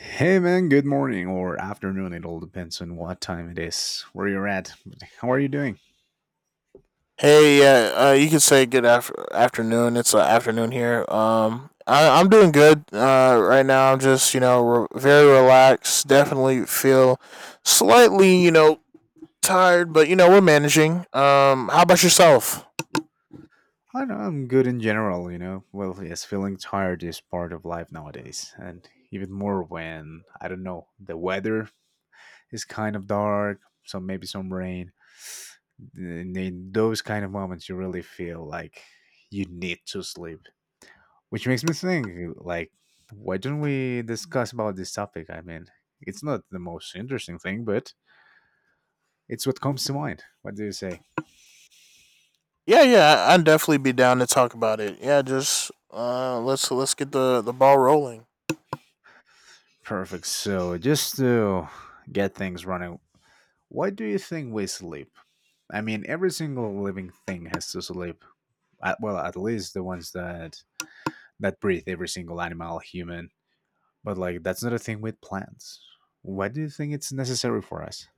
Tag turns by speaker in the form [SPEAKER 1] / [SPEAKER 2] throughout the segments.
[SPEAKER 1] Hey man, good morning or afternoon. It all depends on what time it is, where you're at. How are you doing?
[SPEAKER 2] Hey, yeah, you can say afternoon. It's afternoon here. I'm doing good right now. I'm just, you know, very relaxed. Definitely feel slightly, you know, tired, but, you know, we're managing. How about yourself?
[SPEAKER 1] I know, I'm good in general, you know. Well, yes, feeling tired is part of life nowadays, and even more when, I don't know, the weather is kind of dark, so maybe some rain. And in those kind of moments, you really feel like you need to sleep, which makes me think, like, why don't we discuss about this topic? I mean, it's not the most interesting thing, but it's what comes to mind. What do you say?
[SPEAKER 2] Yeah, yeah, I'd definitely be down to talk about it. Yeah, just let's get the ball rolling.
[SPEAKER 1] Perfect. So, just to get things running, why do you think we sleep? I mean, every single living thing has to sleep. Well, at least the ones that breathe, every single animal, human. But like, that's not a thing with plants. Why do you think it's necessary for us?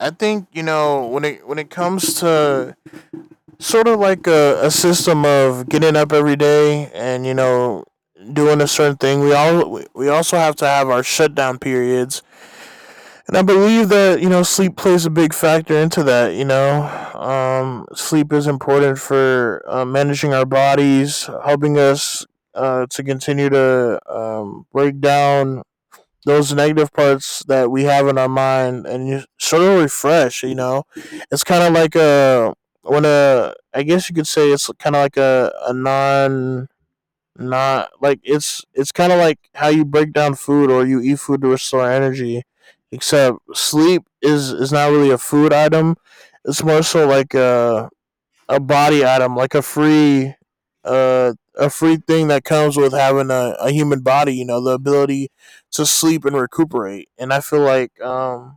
[SPEAKER 2] I think you know when it comes to sort of like a system of getting up every day, and you know doing a certain thing, we also have to have our shutdown periods, and I believe that, you know, sleep plays a big factor into that. You know, sleep is important for managing our bodies, helping us to continue to break down those negative parts that we have in our mind, and you sort of refresh. You know, it's kind of like a when a I guess you could say it's kind of like a non not like it's kind of like how you break down food, or you eat food to restore energy, except sleep is not really a food item. It's more so like a body item, like a free thing that comes with having a human body. You know, the ability to sleep and recuperate, and I feel like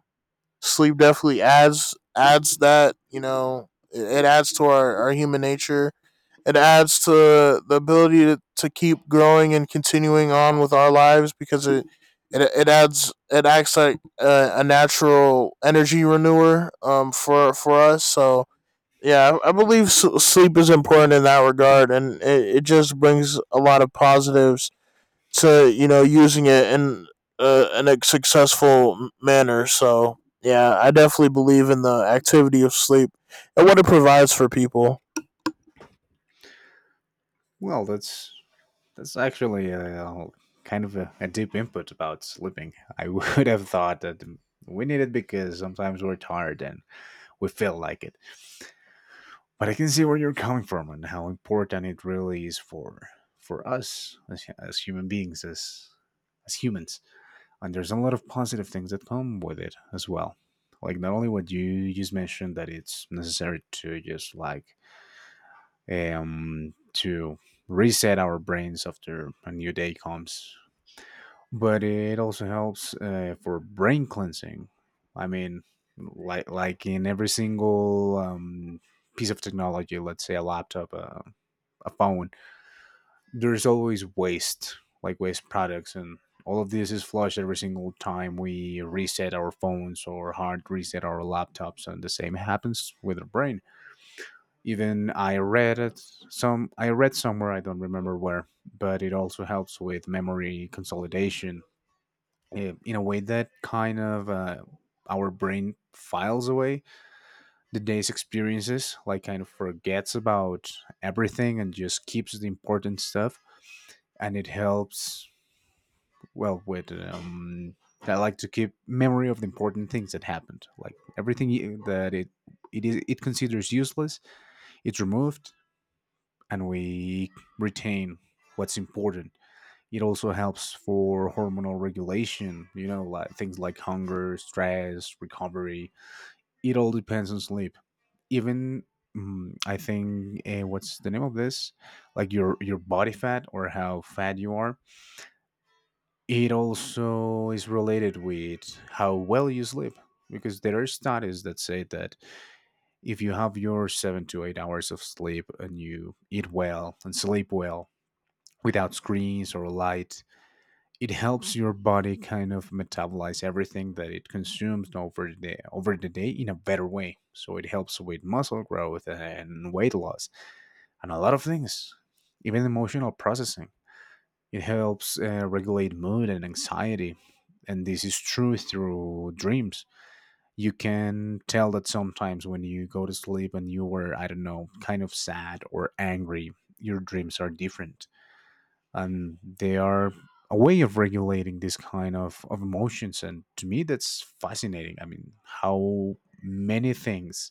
[SPEAKER 2] sleep definitely adds that. You know, it adds to our human nature. It adds to the ability to keep growing and continuing on with our lives, because it adds it acts like a natural energy renewer for us. So yeah, I believe sleep is important in that regard, and it just brings a lot of positives to, you know, using it in a successful manner. So yeah, I definitely believe in the activity of sleep and what it provides for people.
[SPEAKER 1] Well, that's actually kind of a deep input about sleeping. I would have thought that we need it because sometimes we're tired and we feel like it, but I can see where you're coming from and how important it really is for us as human beings as humans. And there's a lot of positive things that come with it as well, like not only what you just mentioned, that it's necessary to just like to reset our brains after a new day comes, but it also helps for brain cleansing. I mean, like in every single piece of technology, let's say a laptop, a phone, there's always waste, like waste products, and all of this is flushed every single time we reset our phones or hard reset our laptops, and the same happens with our brain. Even I read somewhere, I don't remember where, but it also helps with memory consolidation, in a way that kind of, our brain files away the day's experiences, like kind of forgets about everything and just keeps the important stuff. And it helps, well, with I like to keep memory of the important things that happened, like everything that it is, it considers useless, it's removed, and we retain what's important. It also helps for hormonal regulation, you know, like things like hunger, stress, recovery. It all depends on sleep. Even, I think, what's the name of this? Like your body fat, or how fat you are. It also is related with how well you sleep, because there are studies that say that if you have your 7 to 8 hours of sleep and you eat well and sleep well without screens or light, it helps your body kind of metabolize everything that it consumes over the day in a better way. So it helps with muscle growth and weight loss and a lot of things, even emotional processing. It helps regulate mood and anxiety, and this is true through dreams. You can tell that sometimes when you go to sleep and you were, I don't know, kind of sad or angry, your dreams are different, and they are a way of regulating this kind of emotions. And to me that's fascinating. I mean, how many things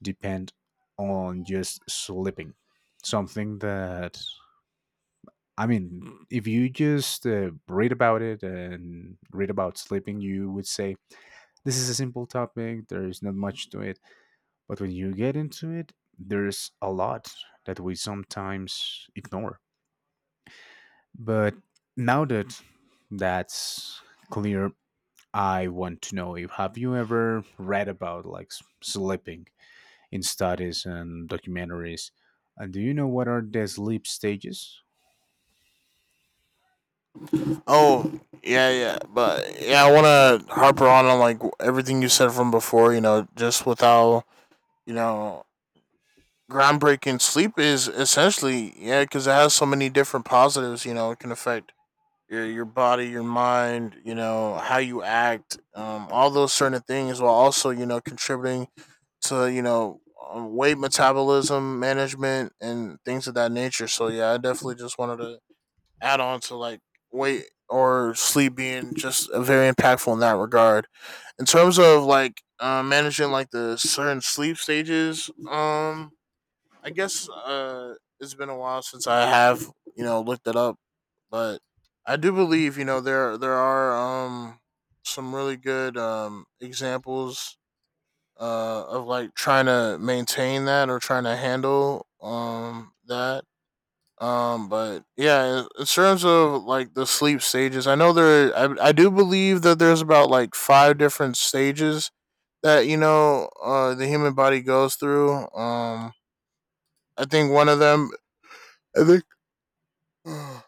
[SPEAKER 1] depend on just sleeping, something that, I mean, if you just read about it and read about sleeping, you would say this is a simple topic, there's not much to it, but when you get into it, there's a lot that we sometimes ignore. But now that that's clear, I want to know, if have you ever read about like sleeping in studies and documentaries? And do you know what are the sleep stages?
[SPEAKER 2] Oh yeah, yeah, but yeah, I want to harper on like everything you said from before. You know, just with how, you know, groundbreaking sleep is, essentially. Yeah, because it has so many different positives. You know, it can affect your body, your mind, you know, how you act, all those certain things, while also, you know, contributing to, you know, weight metabolism management and things of that nature. So yeah, I definitely just wanted to add on to like weight or sleep being just very impactful in that regard, in terms of like managing like the certain sleep stages. I guess it's been a while since I have, you know, looked it up, but I do believe, you know, there are some really good examples of like trying to maintain that or trying to handle that. But yeah, in terms of like the sleep stages, I know there I do believe that there's about like five different stages that, you know, the human body goes through. I think one of them, I think, I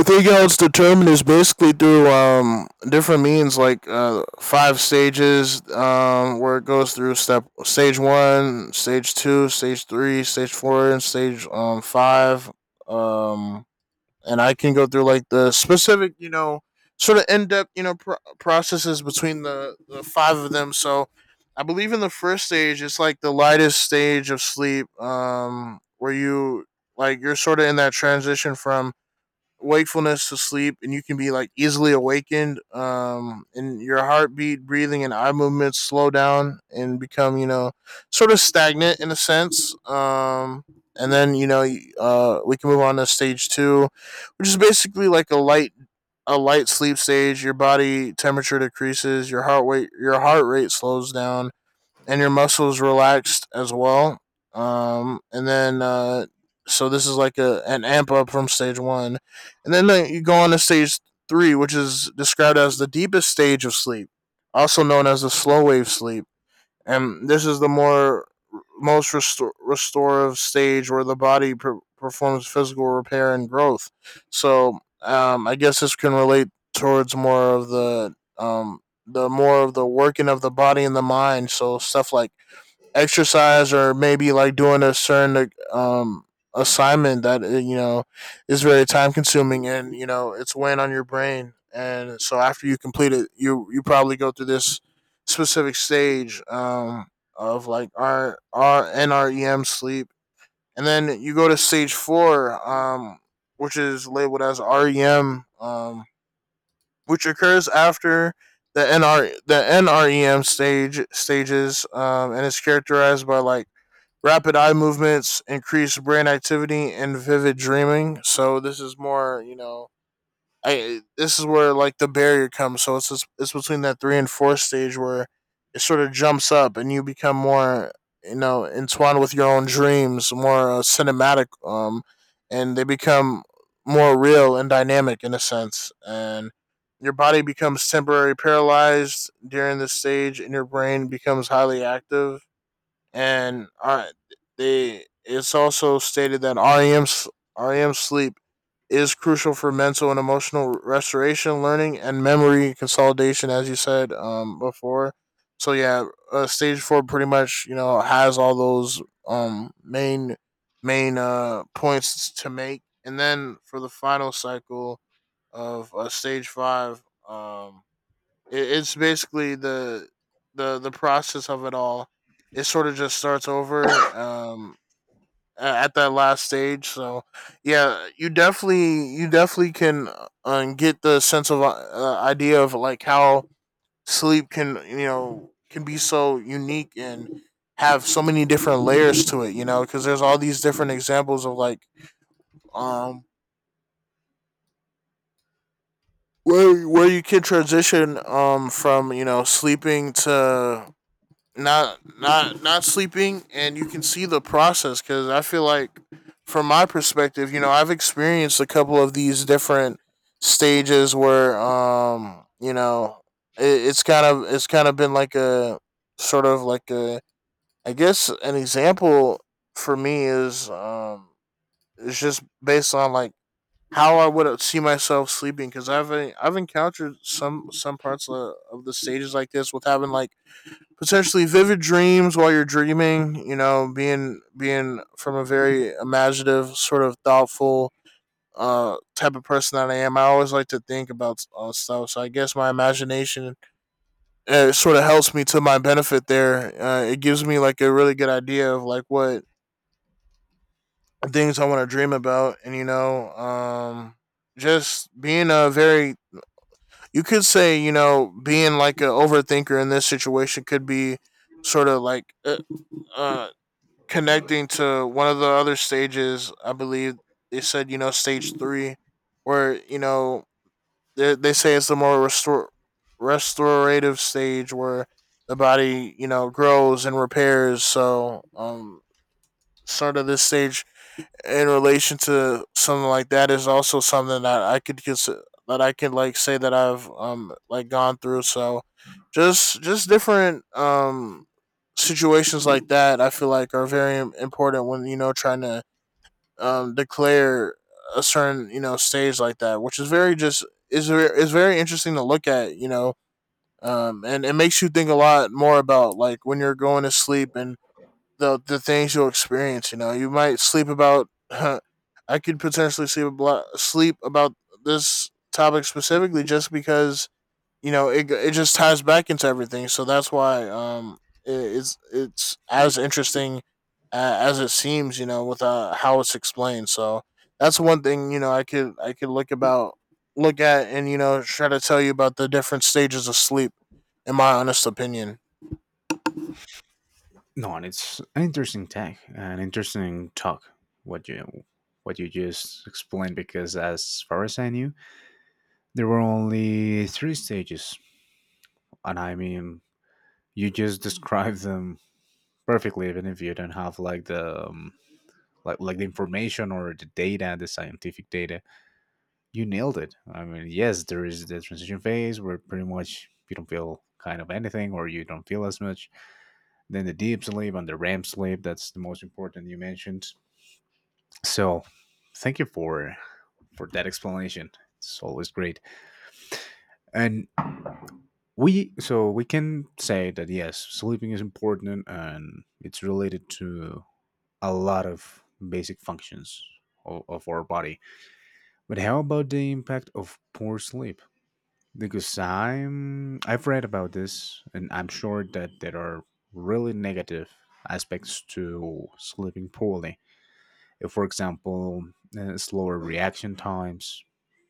[SPEAKER 2] think how it's determined is basically through different means, like five stages, where it goes through step stage one, stage two, stage three, stage four, and stage five. Um, and I can go through like the specific, you know, sort of in depth, you know, processes between the five of them. So I believe in the first stage, it's like the lightest stage of sleep, where you you're sort of in that transition from wakefulness to sleep, and you can be like easily awakened, and your heartbeat, breathing, and eye movements slow down and become, you know, sort of stagnant in a sense. And then, you know, we can move on to stage two, which is basically like a light sleep stage. Your body temperature decreases, your heart rate slows down, and your muscles relaxed as well. And then so this is like a an amp up from stage one, and then you go on to stage three, which is described as the deepest stage of sleep, also known as the slow wave sleep, and this is the more most restorative stage where the body performs physical repair and growth. So I guess this can relate towards more of the more of the working of the body and the mind. So stuff like exercise, or maybe like doing a certain like, assignment that, you know, is very time consuming and, you know, it's weighing on your brain, and so after you complete it, you probably go through this specific stage of like our NREM sleep. And then you go to stage 4, which is labeled as REM, which occurs after the NR the NREM stages, and is characterized by like rapid eye movements, increased brain activity, and vivid dreaming. So this is more, you know, I this is where like the barrier comes. So it's between that three and four stage, where it sort of jumps up and you become more, you know, entwined with your own dreams, more cinematic, and they become more real and dynamic in a sense. And your body becomes temporarily paralyzed during this stage, and your brain becomes highly active, and they it's also stated that REM sleep is crucial for mental and emotional restoration, learning, and memory consolidation, as you said before. So yeah, stage four pretty much, you know, has all those main points to make, and then for the final cycle of stage five. Um, it's basically the process of it all. It sort of just starts over at that last stage. So yeah, you definitely can get the sense of idea of like how sleep can, you know, can be so unique and have so many different layers to it. You know, because there's all these different examples of like um where you can transition from, you know, sleeping to not sleeping, and you can see the process, because I feel like from my perspective, you know, I've experienced a couple of these different stages where, you know, it's kind of been like a sort of like a I guess an example for me is it's just based on like how I would see myself sleeping, because I've encountered some parts of the stages like this, with having like potentially vivid dreams while you're dreaming. You know, being from a very imaginative, sort of thoughtful type of person that I am. I always like to think about stuff. So I guess my imagination sort of helps me to my benefit there. It gives me like a really good idea of like what things I want to dream about, and you know, just being a very, you could say, you know, being like an overthinker in this situation could be sort of like uh connecting to one of the other stages. I believe they said, you know, stage three, where, you know, they say it's the more restore restorative stage where the body, you know, grows and repairs. So sort of this stage in relation to something like that is also something that I could consider, that I can like say that I've like gone through. So just different situations like that I feel like are very important when, you know, trying to declare a certain, you know, stage like that, which is very is very interesting to look at. You know, and it makes you think a lot more about like when you're going to sleep and the things you'll experience. You know, you might sleep about. Huh, I could potentially sleep about this topic specifically, just because, you know, it just ties back into everything. So that's why it's as interesting as it seems. You know, with how it's explained. So that's one thing, you know, I could look at and, you know, try to tell you about the different stages of sleep. In my honest opinion.
[SPEAKER 1] No, and it's an interesting tag, an interesting talk, what you what you just explained, because as far as I knew, there were only three stages. And I mean, you just described them perfectly, even if you don't have like the information or the data, the scientific data. You nailed it. I mean, yes, there is the transition phase, where pretty much you don't feel kind of anything, or you don't feel as much. Then the deep sleep and the REM sleep. That's the most important you mentioned. So, thank you for that explanation. It's always great. And we so we can say that yes, sleeping is important and it's related to a lot of basic functions of our body. But how about the impact of poor sleep? Because I've read about this, and I'm sure that there are really negative aspects to sleeping poorly. For example, slower reaction times,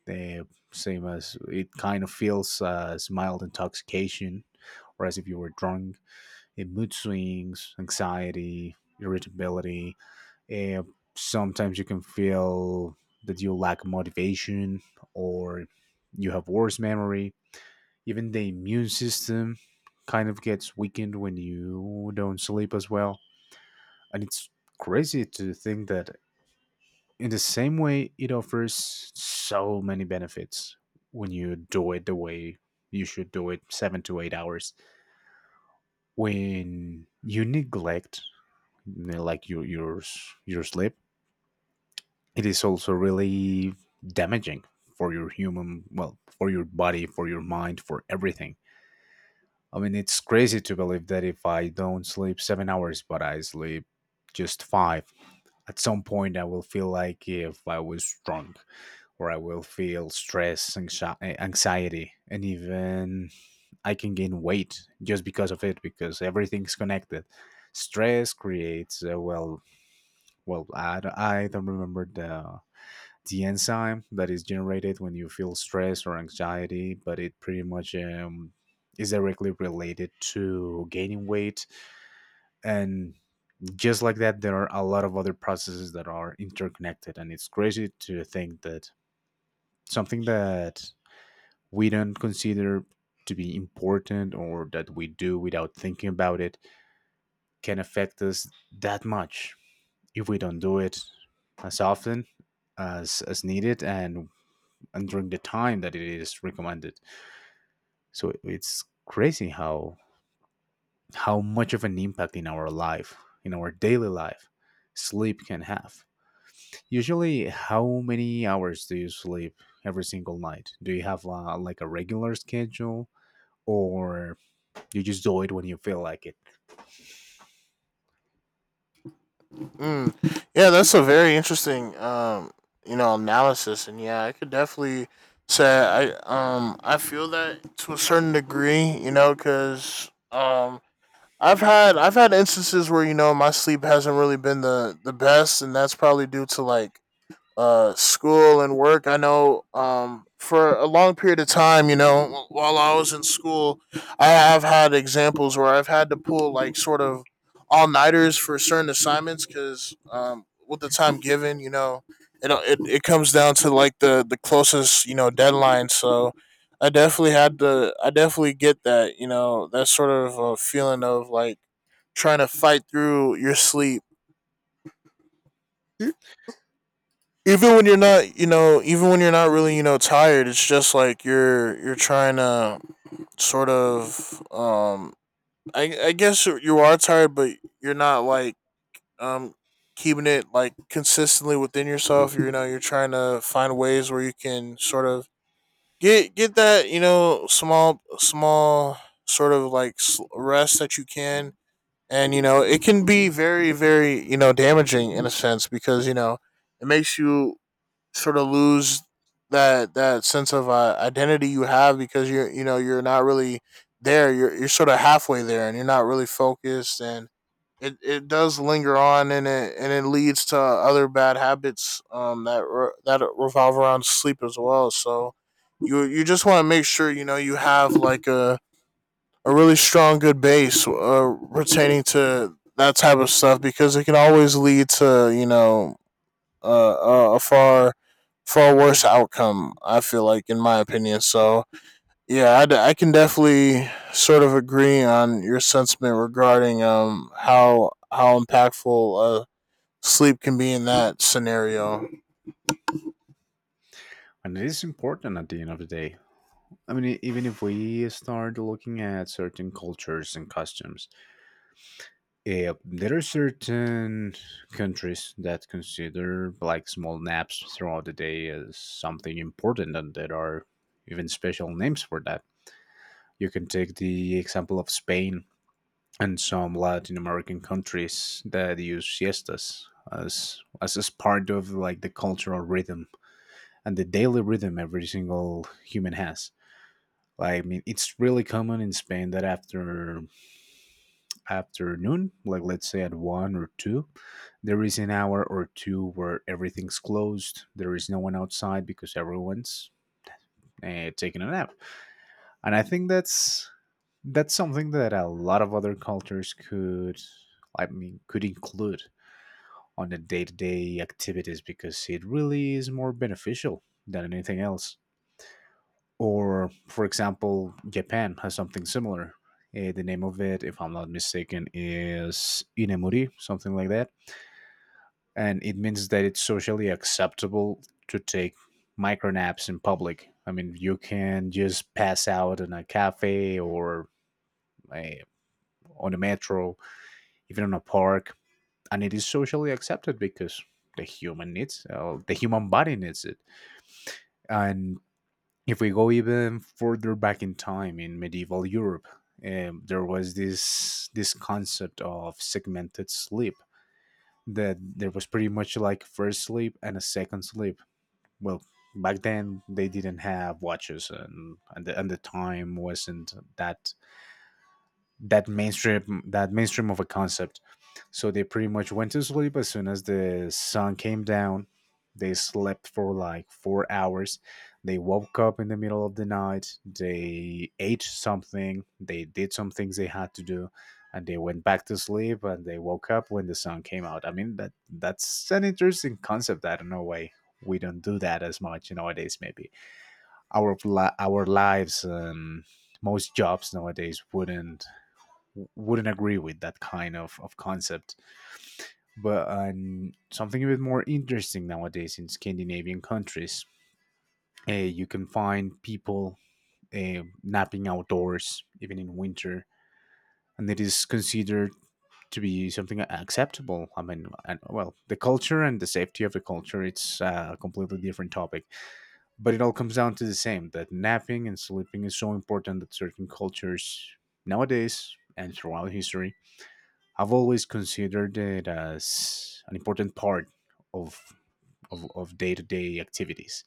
[SPEAKER 1] the same as it kind of feels as mild intoxication, or as if you were drunk, mood swings, anxiety, irritability, uh, sometimes you can feel that you lack motivation, or you have worse memory. Even the immune system kind of gets weakened when you don't sleep as well. And it's crazy to think that in the same way it offers so many benefits when you do it the way you should do it, 7 to 8 hours, when you neglect, you know, like your sleep, it is also really damaging for your human well, for your body, for your mind, for everything. I mean, it's crazy to believe that if I don't sleep 7 hours, but I sleep just five, at some point I will feel like if I was drunk, or I will feel stress, anxiety, and even I can gain weight just because of it, because everything's connected. Stress creates, well, I don't remember the enzyme that is generated when you feel stress or anxiety, but it pretty much, is directly related to gaining weight. And just like that, there are a lot of other processes that are interconnected. And it's crazy to think that something that we don't consider to be important, or that we do without thinking about it, can affect us that much, if we don't do it as often as needed, and during the time that it is recommended. So it's crazy how much of an impact in our life, in our daily life, sleep can have. Usually, how many hours do you sleep every single night? Do you have like a regular schedule, or you just do it when you feel like it?
[SPEAKER 2] Mm. Yeah, that's a very interesting, analysis, and yeah, I could definitely say I feel that to a certain degree, you know, because I've had instances where you know my sleep hasn't really been the best, and that's probably due to like school and work. I know for a long period of time, you know, while I was in school, I have had examples where I've had to pull like sort of all-nighters for certain assignments, because with the time given, you know, it comes down to like the closest you know deadline. So I definitely had to, I definitely get that, you know, that sort of feeling of like trying to fight through your sleep even when you're not, you know, even when you're not really you know tired. It's just like you're trying to sort of I guess you are tired, but you're not like, um keeping it like consistently within yourself. You know, you're trying to find ways where you can sort of get that, you know, small sort of like rest that you can. And you know, it can be very you know damaging in a sense, because you know it makes you sort of lose that sense of identity you have, because you're, you know, you're not really there. You're sort of halfway there, and you're not really focused, and it does linger on, and it leads to other bad habits that revolve around sleep as well. So you just want to make sure you know you have like a really strong good base pertaining to that type of stuff, because it can always lead to you know a far worse outcome, I feel like, in my opinion. So yeah, I can definitely sort of agree on your sentiment regarding how impactful sleep can be in that scenario.
[SPEAKER 1] And it is important at the end of the day. I mean, even if we start looking at certain cultures and customs, yeah, there are certain countries that consider like small naps throughout the day as something important, and there are even special names for that. You can take the example of Spain and some Latin American countries that use siestas as part of like the cultural rhythm and the daily rhythm every single human has. Like, I mean, it's really common in Spain that afternoon, like let's say at one or two, there is an hour or two where everything's closed. There is no one outside because everyone's taking a nap. And I think that's something that a lot of other cultures could, I mean, could include on the day-to-day activities, because it really is more beneficial than anything else. Or, for example, Japan has something similar. The name of it, if I'm not mistaken, is Inemuri, something like that, and it means that it's socially acceptable to take micro naps in public. I mean, you can just pass out in a cafe or a, on a metro, even in a park, and it is socially accepted because the human body needs it. And if we go even further back in time in medieval Europe, there was this concept of segmented sleep, that there was pretty much like first sleep and a second sleep. Well, back then they didn't have watches, and the time wasn't that mainstream of a concept, so they pretty much went to sleep as soon as the sun came down. They slept for like 4 hours. They woke up in the middle of the night. They ate something. They did some things they had to do, and they went back to sleep. And they woke up when the sun came out. I mean, that's an interesting concept. I don't know why we don't do that as much nowadays. Maybe our our lives and most jobs nowadays wouldn't agree with that kind of concept. But something a bit more interesting nowadays in Scandinavian countries. You can find people napping outdoors, even in winter, and it is considered to be something acceptable. I mean, and, well, the culture and the safety of the culture, it's a completely different topic, but it all comes down to the same that napping and sleeping is so important that certain cultures nowadays and throughout history have always considered it as an important part of of day-to-day activities.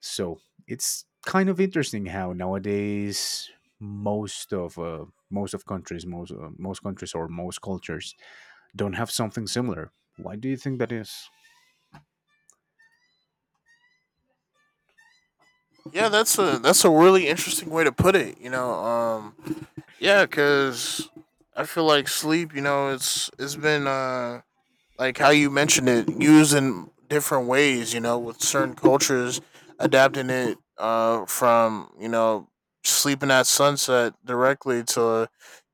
[SPEAKER 1] So it's kind of interesting how nowadays most of uh, most countries or most cultures don't have something similar. Why do you think that is?
[SPEAKER 2] Yeah, that's a really interesting way to put it. You know, yeah, because I feel like sleep, you know, it's been like how you mentioned it, used in different ways. You know, with certain cultures adapting it from you know sleeping at sunset directly to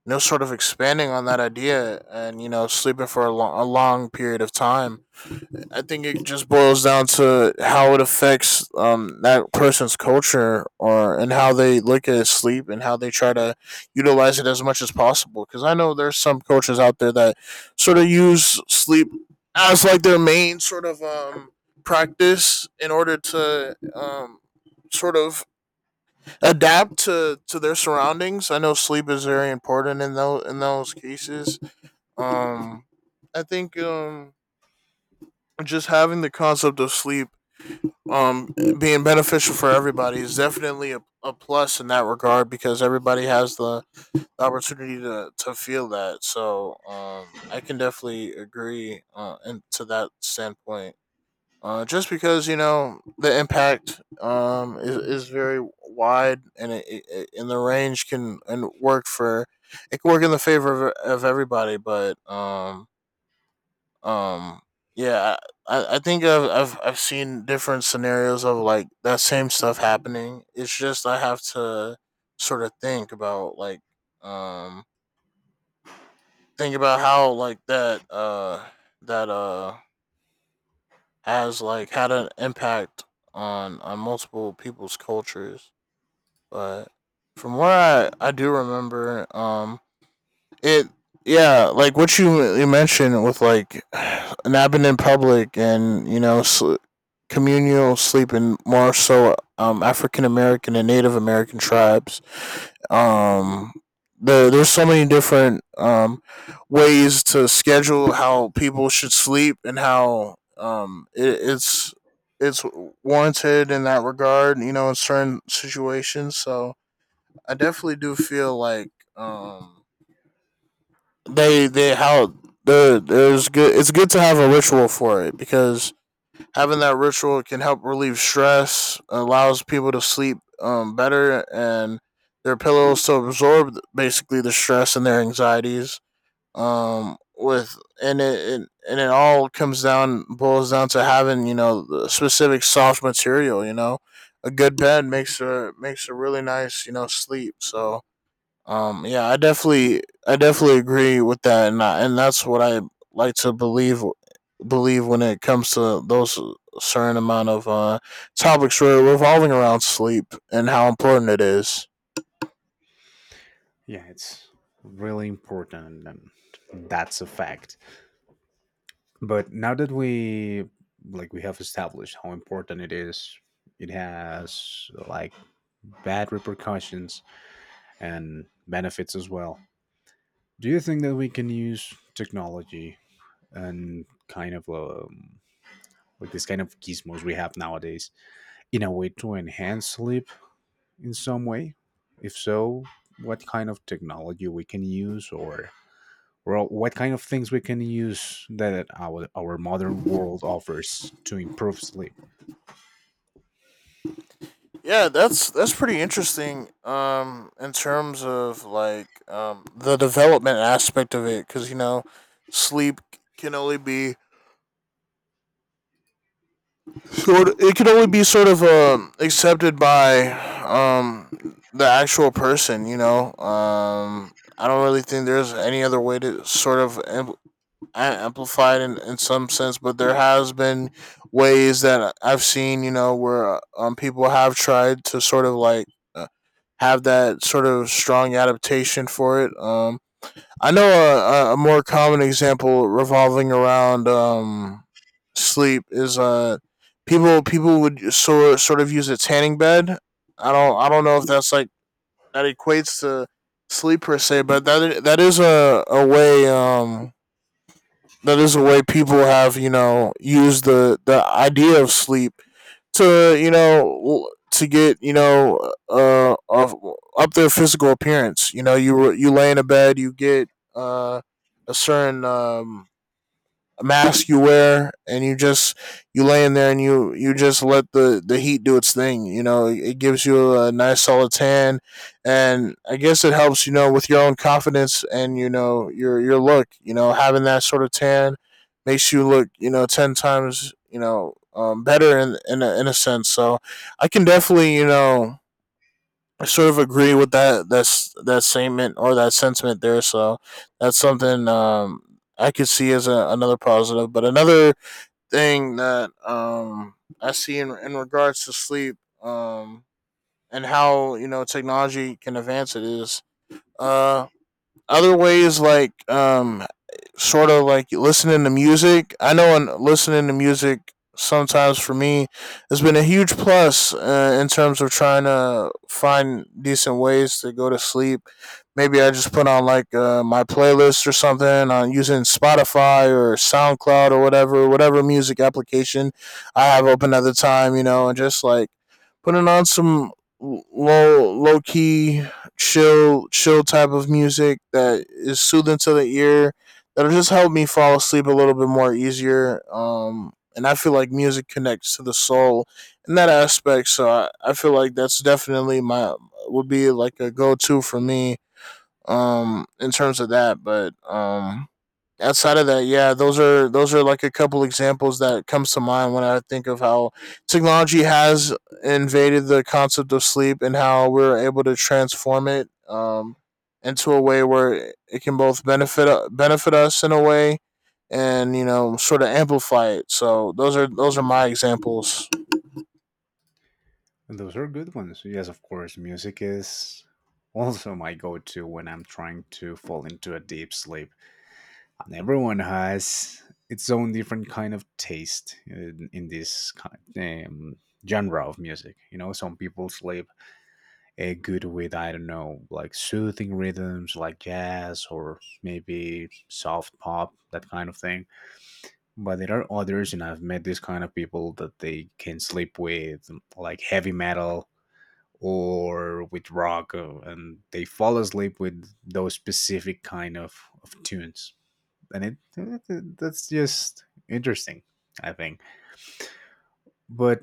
[SPEAKER 2] you know sort of expanding on that idea, and you know sleeping for a long period of time. I think it just boils down to how it affects that person's culture, or and how they look at sleep and how they try to utilize it as much as possible. Because I know there's some coaches out there that sort of use sleep as like their main sort of practice in order to sort of adapt to their surroundings. I know sleep is very important in those cases. Um, I think just having the concept of sleep um being beneficial for everybody is definitely a plus in that regard, because everybody has the opportunity to feel that. So I can definitely agree and to that standpoint, just because you know the impact is very wide, and and the range can and work for it can work in the favor of everybody. But um, yeah, I think I've seen different scenarios of like that same stuff happening. It's just I have to sort of think about like um think about how like that has like had an impact on multiple people's cultures. But from where I do remember, it, yeah, like what you mentioned with like an happened in public, and you know communal sleeping, more so African American and Native American tribes. Um, there's so many different ways to schedule how people should sleep and how it's warranted in that regard, you know, in certain situations. So I definitely do feel like, um, they how the there's good. It's good to have a ritual for it, because having that ritual can help relieve stress, allows people to sleep better, and their pillows to absorb basically the stress and their anxieties. With and it and it all comes down boils down to having you know the specific soft material. You know, a good bed makes a makes a really nice you know sleep. So yeah, I definitely agree with that, and that's what I like to believe when it comes to those certain amount of topics revolving around sleep and how important it is.
[SPEAKER 1] Yeah, it's really important, and that's a fact. But now that we, like, we have established how important it is, it has, like, bad repercussions and benefits as well. Do you think that we can use technology and kind of like this kind of gizmos we have nowadays in a way to enhance sleep in some way? If so, what kind of technology we can use, or what kind of things we can use that our modern world offers to improve sleep?
[SPEAKER 2] Yeah, that's pretty interesting. In terms of like the development aspect of it, because you know, sleep can only be sort it could only be sort of accepted by um the actual person, you know. I don't really think there's any other way to sort of amplify it in some sense, but there has been ways that I've seen, you know, where people have tried to sort of like uh, have that sort of strong adaptation for it. I know a more common example revolving around sleep is people would sort of use a tanning bed. I don't, I don't know if that's like that equates to sleep per se, but that that is a way that is the way people have you know used the idea of sleep to you know to get you know uh of- up their physical appearance. You know, you lay in a bed, you get uh a certain mask you wear, and you just, you lay in there, and you just let the heat do its thing. You know, it gives you a nice solid tan, and I guess it helps, you know, with your own confidence and you know your look. You know, having that sort of tan makes you look, you know, 10 times, you know, better in a sense. So I can definitely you know, I sort of agree with that. That statement or that sentiment there. So that's something, I could see as a, another positive. But another thing that I see in regards to sleep, and how you know technology can advance it is uh, other ways like sort of like listening to music. I know in listening to music sometimes for me has been a huge plus, in terms of trying to find decent ways to go to sleep. Maybe I just put on like my playlist or something on using Spotify or SoundCloud, or whatever, whatever music application I have open at the time, you know, and just like putting on some low key chill type of music that is soothing to the ear, that'll just help me fall asleep a little bit more easier. And I feel like music connects to the soul in that aspect. So I feel like that's definitely my, would be like a go to for me, in terms of that. But outside of that, yeah, those are like a couple examples that comes to mind when I think of how technology has invaded the concept of sleep and how we're able to transform it, into a way where it can both benefit us in a way, and you know sort of amplify it. So those are my examples.
[SPEAKER 1] And those are good ones. Yes, of course, music is also my go-to when I'm trying to fall into a deep sleep. Everyone has its own different kind of taste in this kind, um, genre of music. You know, some people sleep good with, I don't know, like soothing rhythms like jazz or maybe soft pop, that kind of thing. But there are others, and I've met this kind of people that they can sleep with like heavy metal or with rock, and they fall asleep with those specific kind of tunes, and it, that's just interesting, I think. But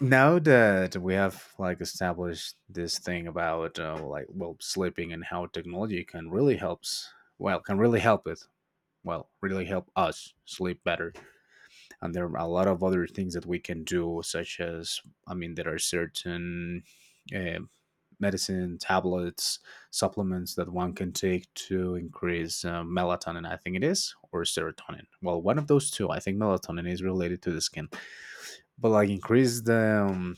[SPEAKER 1] now that we have, like, established this thing about like, well, sleeping and how technology can really helps well can really help it well really help us sleep better. And there are a lot of other things that we can do, such as, I mean, there are certain uh, medicine tablets, supplements that one can take to increase melatonin, I think it is, or serotonin. Well, one of those two. I think melatonin is related to the skin, but like increase the um,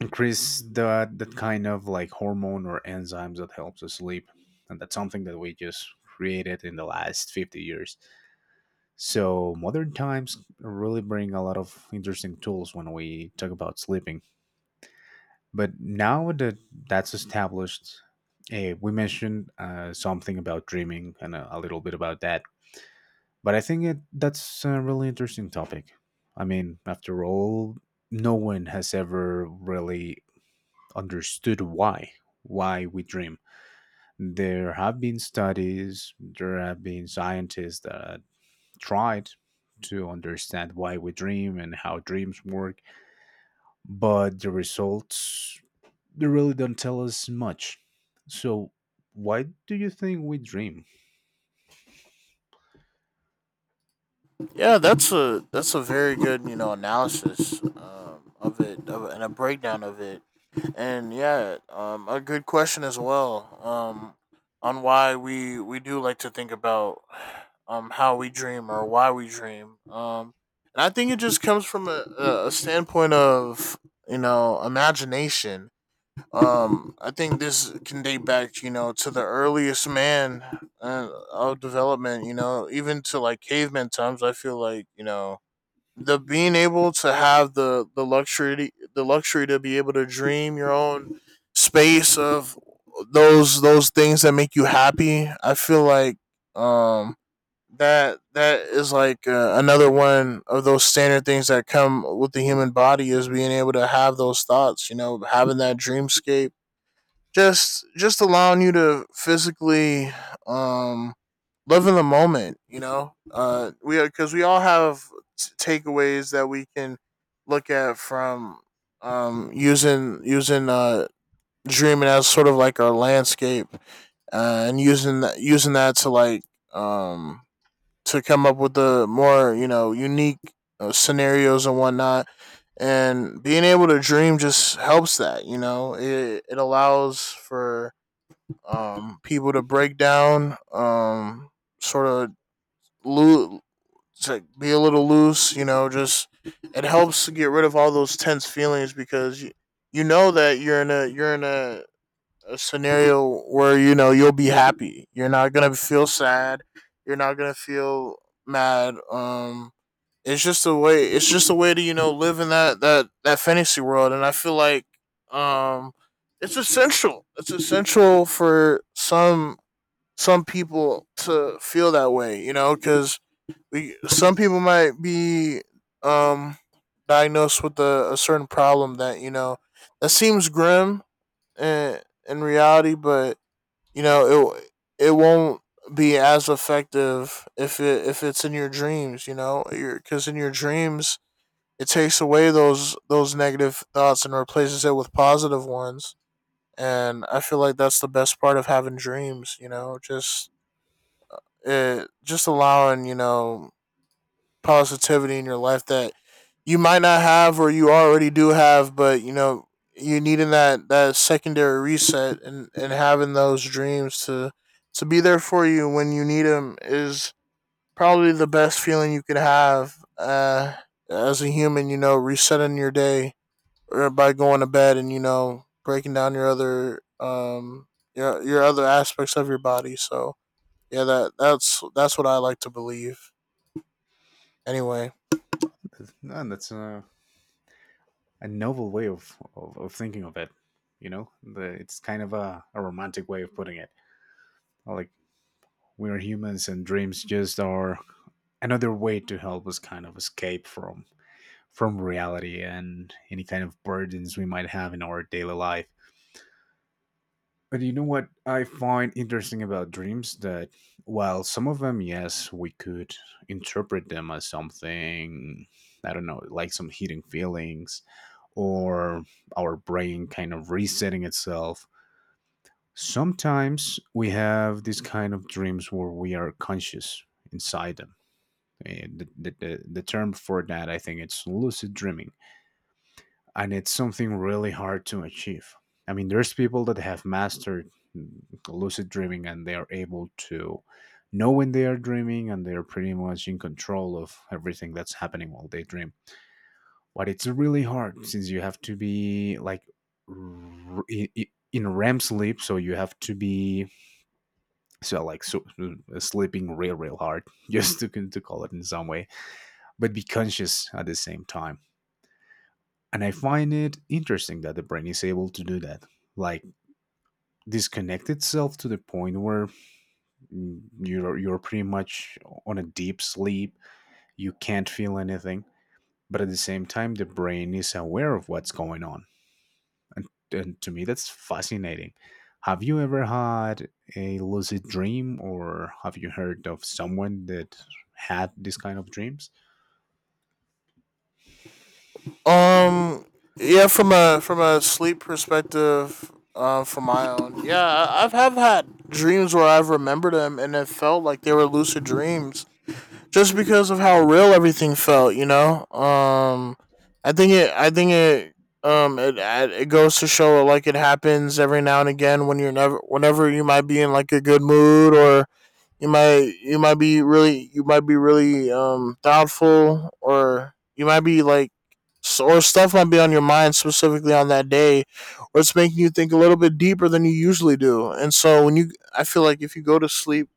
[SPEAKER 1] increase the that kind of like hormone or enzymes that helps us sleep. And that's something that we just created in the last 50 years. So modern times really bring a lot of interesting tools when we talk about sleeping. But now that that's established, we mentioned something about dreaming and a little bit about that. But I think it, that's a really interesting topic. I mean, after all, no one has ever really understood why we dream. There have been studies, there have been scientists that tried to understand why we dream and how dreams work, but the results, they really don't tell us much. So why do you think we dream?
[SPEAKER 2] Yeah, that's a very good you know analysis, of it of, and a breakdown of it, and yeah, a good question as well, on why we do like to think about how we dream or why we dream, and I think it just comes from a standpoint of you know imagination. I think this can date back, you know, to the earliest man of development. You know, even to like caveman times. I feel like you know the being able to have the luxury to be able to dream your own space of those things that make you happy. I feel like um that that is like another one of those standard things that come with the human body is being able to have those thoughts. You know, having that dreamscape just allowing you to physically um live in the moment you know we because we all have takeaways that we can look at from using dreaming as sort of like our landscape, and using that to like um to come up with the more you know unique scenarios and whatnot, and being able to dream just helps that. You know, it allows for, people to break down, sort of loo- to be a little loose. You know, just it helps to get rid of all those tense feelings because you know that you're in a a scenario where you know you'll be happy. You're not gonna feel sad. You're not gonna feel mad. It's just a way. It's just a way to live in that fantasy world, and I feel like um, it's essential. It's essential for some people to feel that way, you know, because we some people might be um diagnosed with a certain problem that that seems grim in, in reality, but you know it won't be as effective if it if it's in your dreams, you know, because in your dreams it takes away those negative thoughts and replaces it with positive ones. And I feel like that's the best part of having dreams, you know, just just allowing positivity in your life that you might not have or you already do have, but you know you needing that secondary reset and having those dreams to be there for you when you need them is probably the best feeling you could have as a human. You know, resetting your day or by going to bed and you know breaking down your other your other aspects of your body. So yeah, that's what I like to believe anyway.
[SPEAKER 1] And that's a novel way of thinking of it. You know, the, it's kind of a romantic way of putting it. Like, we are humans, and dreams just are another way to help us kind of escape from reality and any kind of burdens we might have in our daily life. But you know what I find interesting about dreams, that while some of them, yes, we could interpret them as something, I don't know, like some hidden feelings, or our brain kind of resetting itself. Sometimes we have these kind of dreams where we are conscious inside them. And the term for that, I think it's lucid dreaming, and it's something really hard to achieve. I mean, there's people that have mastered mm, lucid dreaming, and they are able to know when they are dreaming, and they're pretty much in control of everything that's happening while they dream. But it's really hard, since you have to be like in REM sleep, so you have to be so like so, sleeping real, real hard just to call it in some way, but be conscious at the same time. And I find it interesting that the brain is able to do that, like disconnect itself to the point where you're pretty much on a deep sleep, you can't feel anything, but at the same time the brain is aware of what's going on. And and to me that's fascinating. Have you ever had a lucid dream, or have you heard of someone that had this kind of dreams?
[SPEAKER 2] um yeah, from a sleep perspective, from my own, yeah, I've have had dreams where I've remembered them and it felt like they were lucid dreams just because of how real everything felt, you know. I think it it it goes to show, like, it happens every now and again when you're never whenever you might be in like a good mood, or you might be really, you might be really doubtful, or you might be like or stuff might be on your mind specifically on that day, or it's making you think a little bit deeper than you usually do. And so when you I feel like if you go to sleep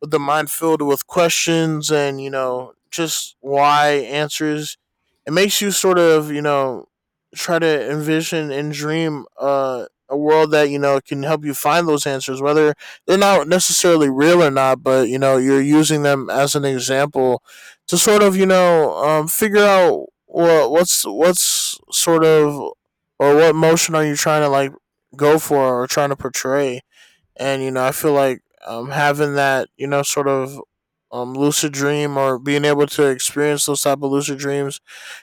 [SPEAKER 2] with the mind filled with questions and you know just why answers. It makes you sort of, you know, try to envision and dream a world that you know can help you find those answers, whether they're not necessarily real or not. But you know you're using them as an example to sort of, you know, figure out what's sort of or what motion are you trying to like go for or trying to portray. And you know I feel like, having that, you know, sort of lucid dream or being able to experience those type of lucid dreams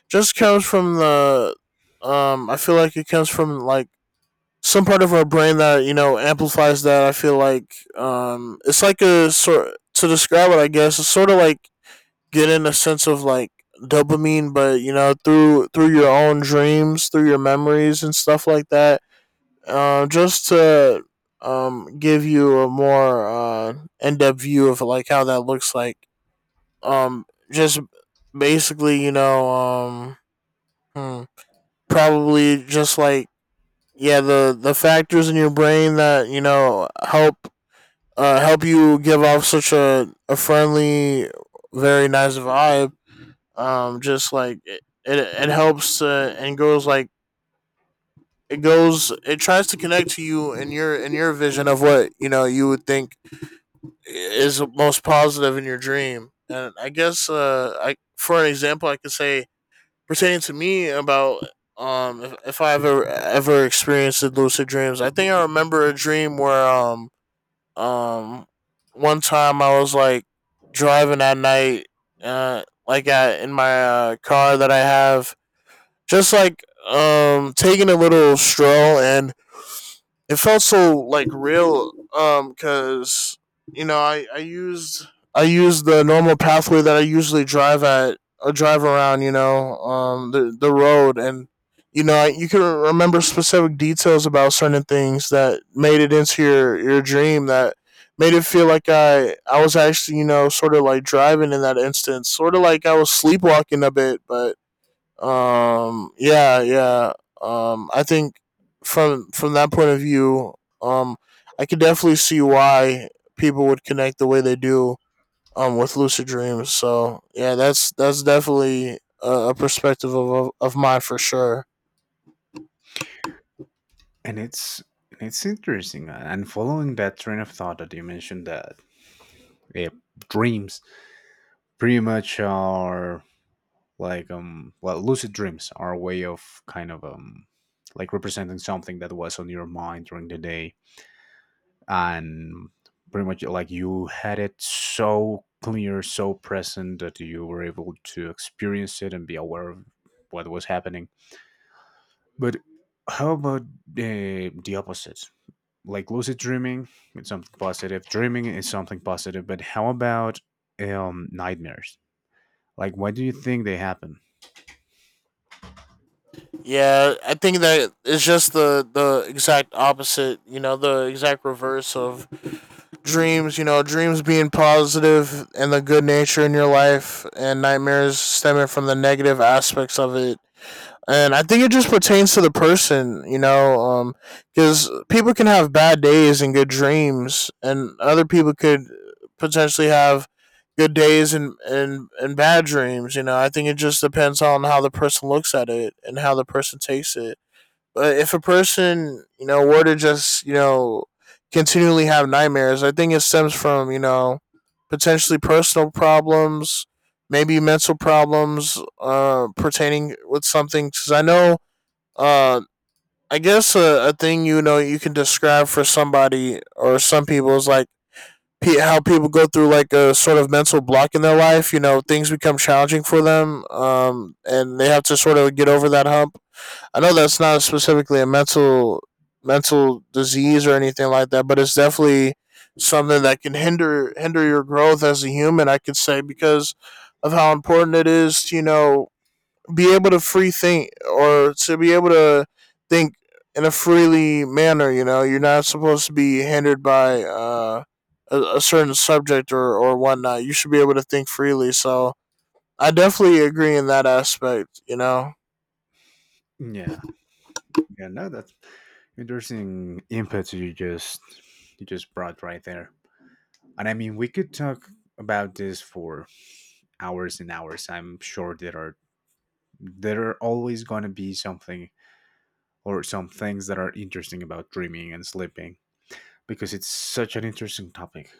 [SPEAKER 2] just comes from the I feel like it comes from like some part of our brain that you know amplifies that. I feel like it's like a sort to describe it, I guess it's sort of like getting a sense of like dopamine, but you know through your own dreams, through your memories and stuff like that, just to give you a more in depth view of like how that looks like. Um, just basically, you know, hmm, probably just like yeah, the factors in your brain that you know help help you give off such a friendly, very nice vibe. Just like it helps and goes like it goes, it tries to connect to you in your vision of what you know you would think is most positive in your dream. And I guess, I, for an example, I could say, pertaining to me, about if I've ever experienced lucid dreams. I think I remember a dream where um one time I was like driving at night, like in my car that I have, just like taking a little stroll. And it felt so like real, because you know I used, I used the normal pathway that I usually drive at or drive around, you know. The road. And you know you can remember specific details about certain things that made it into your dream, that made it feel like I was actually, you know, sort of like driving in that instance, sort of like I was sleepwalking a bit. But yeah, yeah. I think from that point of view, um I could definitely see why people would connect the way they do with lucid dreams. So yeah, that's definitely a perspective of, of mine for sure.
[SPEAKER 1] And it's interesting, and following that train of thought that you mentioned, that eh, dreams pretty much are like, um, well, lucid dreams are a way of kind of, um, like representing something that was on your mind during the day, and pretty much like you had it so clear, so present that you were able to experience it and be aware of what was happening. But how about the opposite? Like, lucid dreaming, it's something positive, dreaming is something positive, but how about nightmares? Like, why do you think they happen?
[SPEAKER 2] Yeah, I think that it's just the exact opposite, you know, the exact reverse of dreams. You know, dreams being positive and the good nature in your life, and nightmares stemming from the negative aspects of it. And I think it just pertains to the person, you know, because people can have bad days and good dreams, and other people could potentially have good days and, and bad dreams. You know, I think it just depends on how the person looks at it and how the person takes it. If a person, you know, were to just you know continually have nightmares, I think it stems from, you know, potentially personal problems, maybe mental problems, pertaining with something. Because I know, uh, I guess a thing, you know, you can describe for somebody or some people is like how people go through like a sort of mental block in their life. You know, things become challenging for them, and they have to sort of get over that hump. I know that's not specifically a mental mental disease or anything like that, but it's definitely something that can hinder hinder your growth as a human, I could say, because of how important it is to, you know, be able to free think, or to be able to think in a freely manner. You know, you're not supposed to be hindered by, a certain subject or whatnot. You should be able to think freely. So I definitely agree in that aspect, you know.
[SPEAKER 1] Yeah. Yeah, no, that's interesting inputs you just brought right there. And I mean, we could talk about this for hours and hours. I'm sure there are always going to be something or some things that are interesting about dreaming and sleeping, because it's such an interesting topic.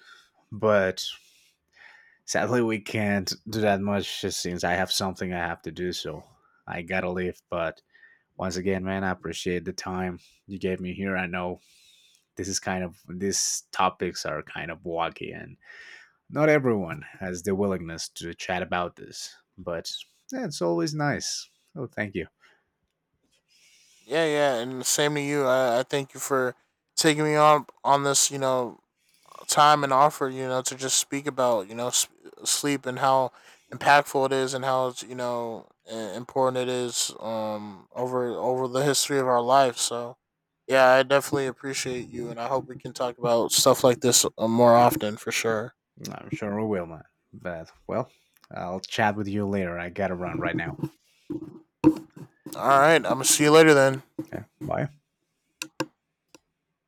[SPEAKER 1] But sadly, we can't do that much since I have something I have to do, so I gotta leave. But once again, man, I appreciate the time you gave me here. I know this is kind of, these topics are kind of wacky, and not everyone has the willingness to chat about this, but yeah, it's always nice. Oh, thank you.
[SPEAKER 2] Yeah, yeah, and same to you. I thank you for taking me on this, you know, time and offer, you know, to just speak about, you know, sleep and how impactful it is and how it's, you know, important it is, over over the history of our life. So yeah, I definitely appreciate you, and I hope we can talk about stuff like this, more often, for sure.
[SPEAKER 1] I'm sure we will, man. But well, I'll chat with you later. I gotta run right now.
[SPEAKER 2] All right, I'm going to see you later then.
[SPEAKER 1] Okay, bye.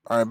[SPEAKER 2] All right,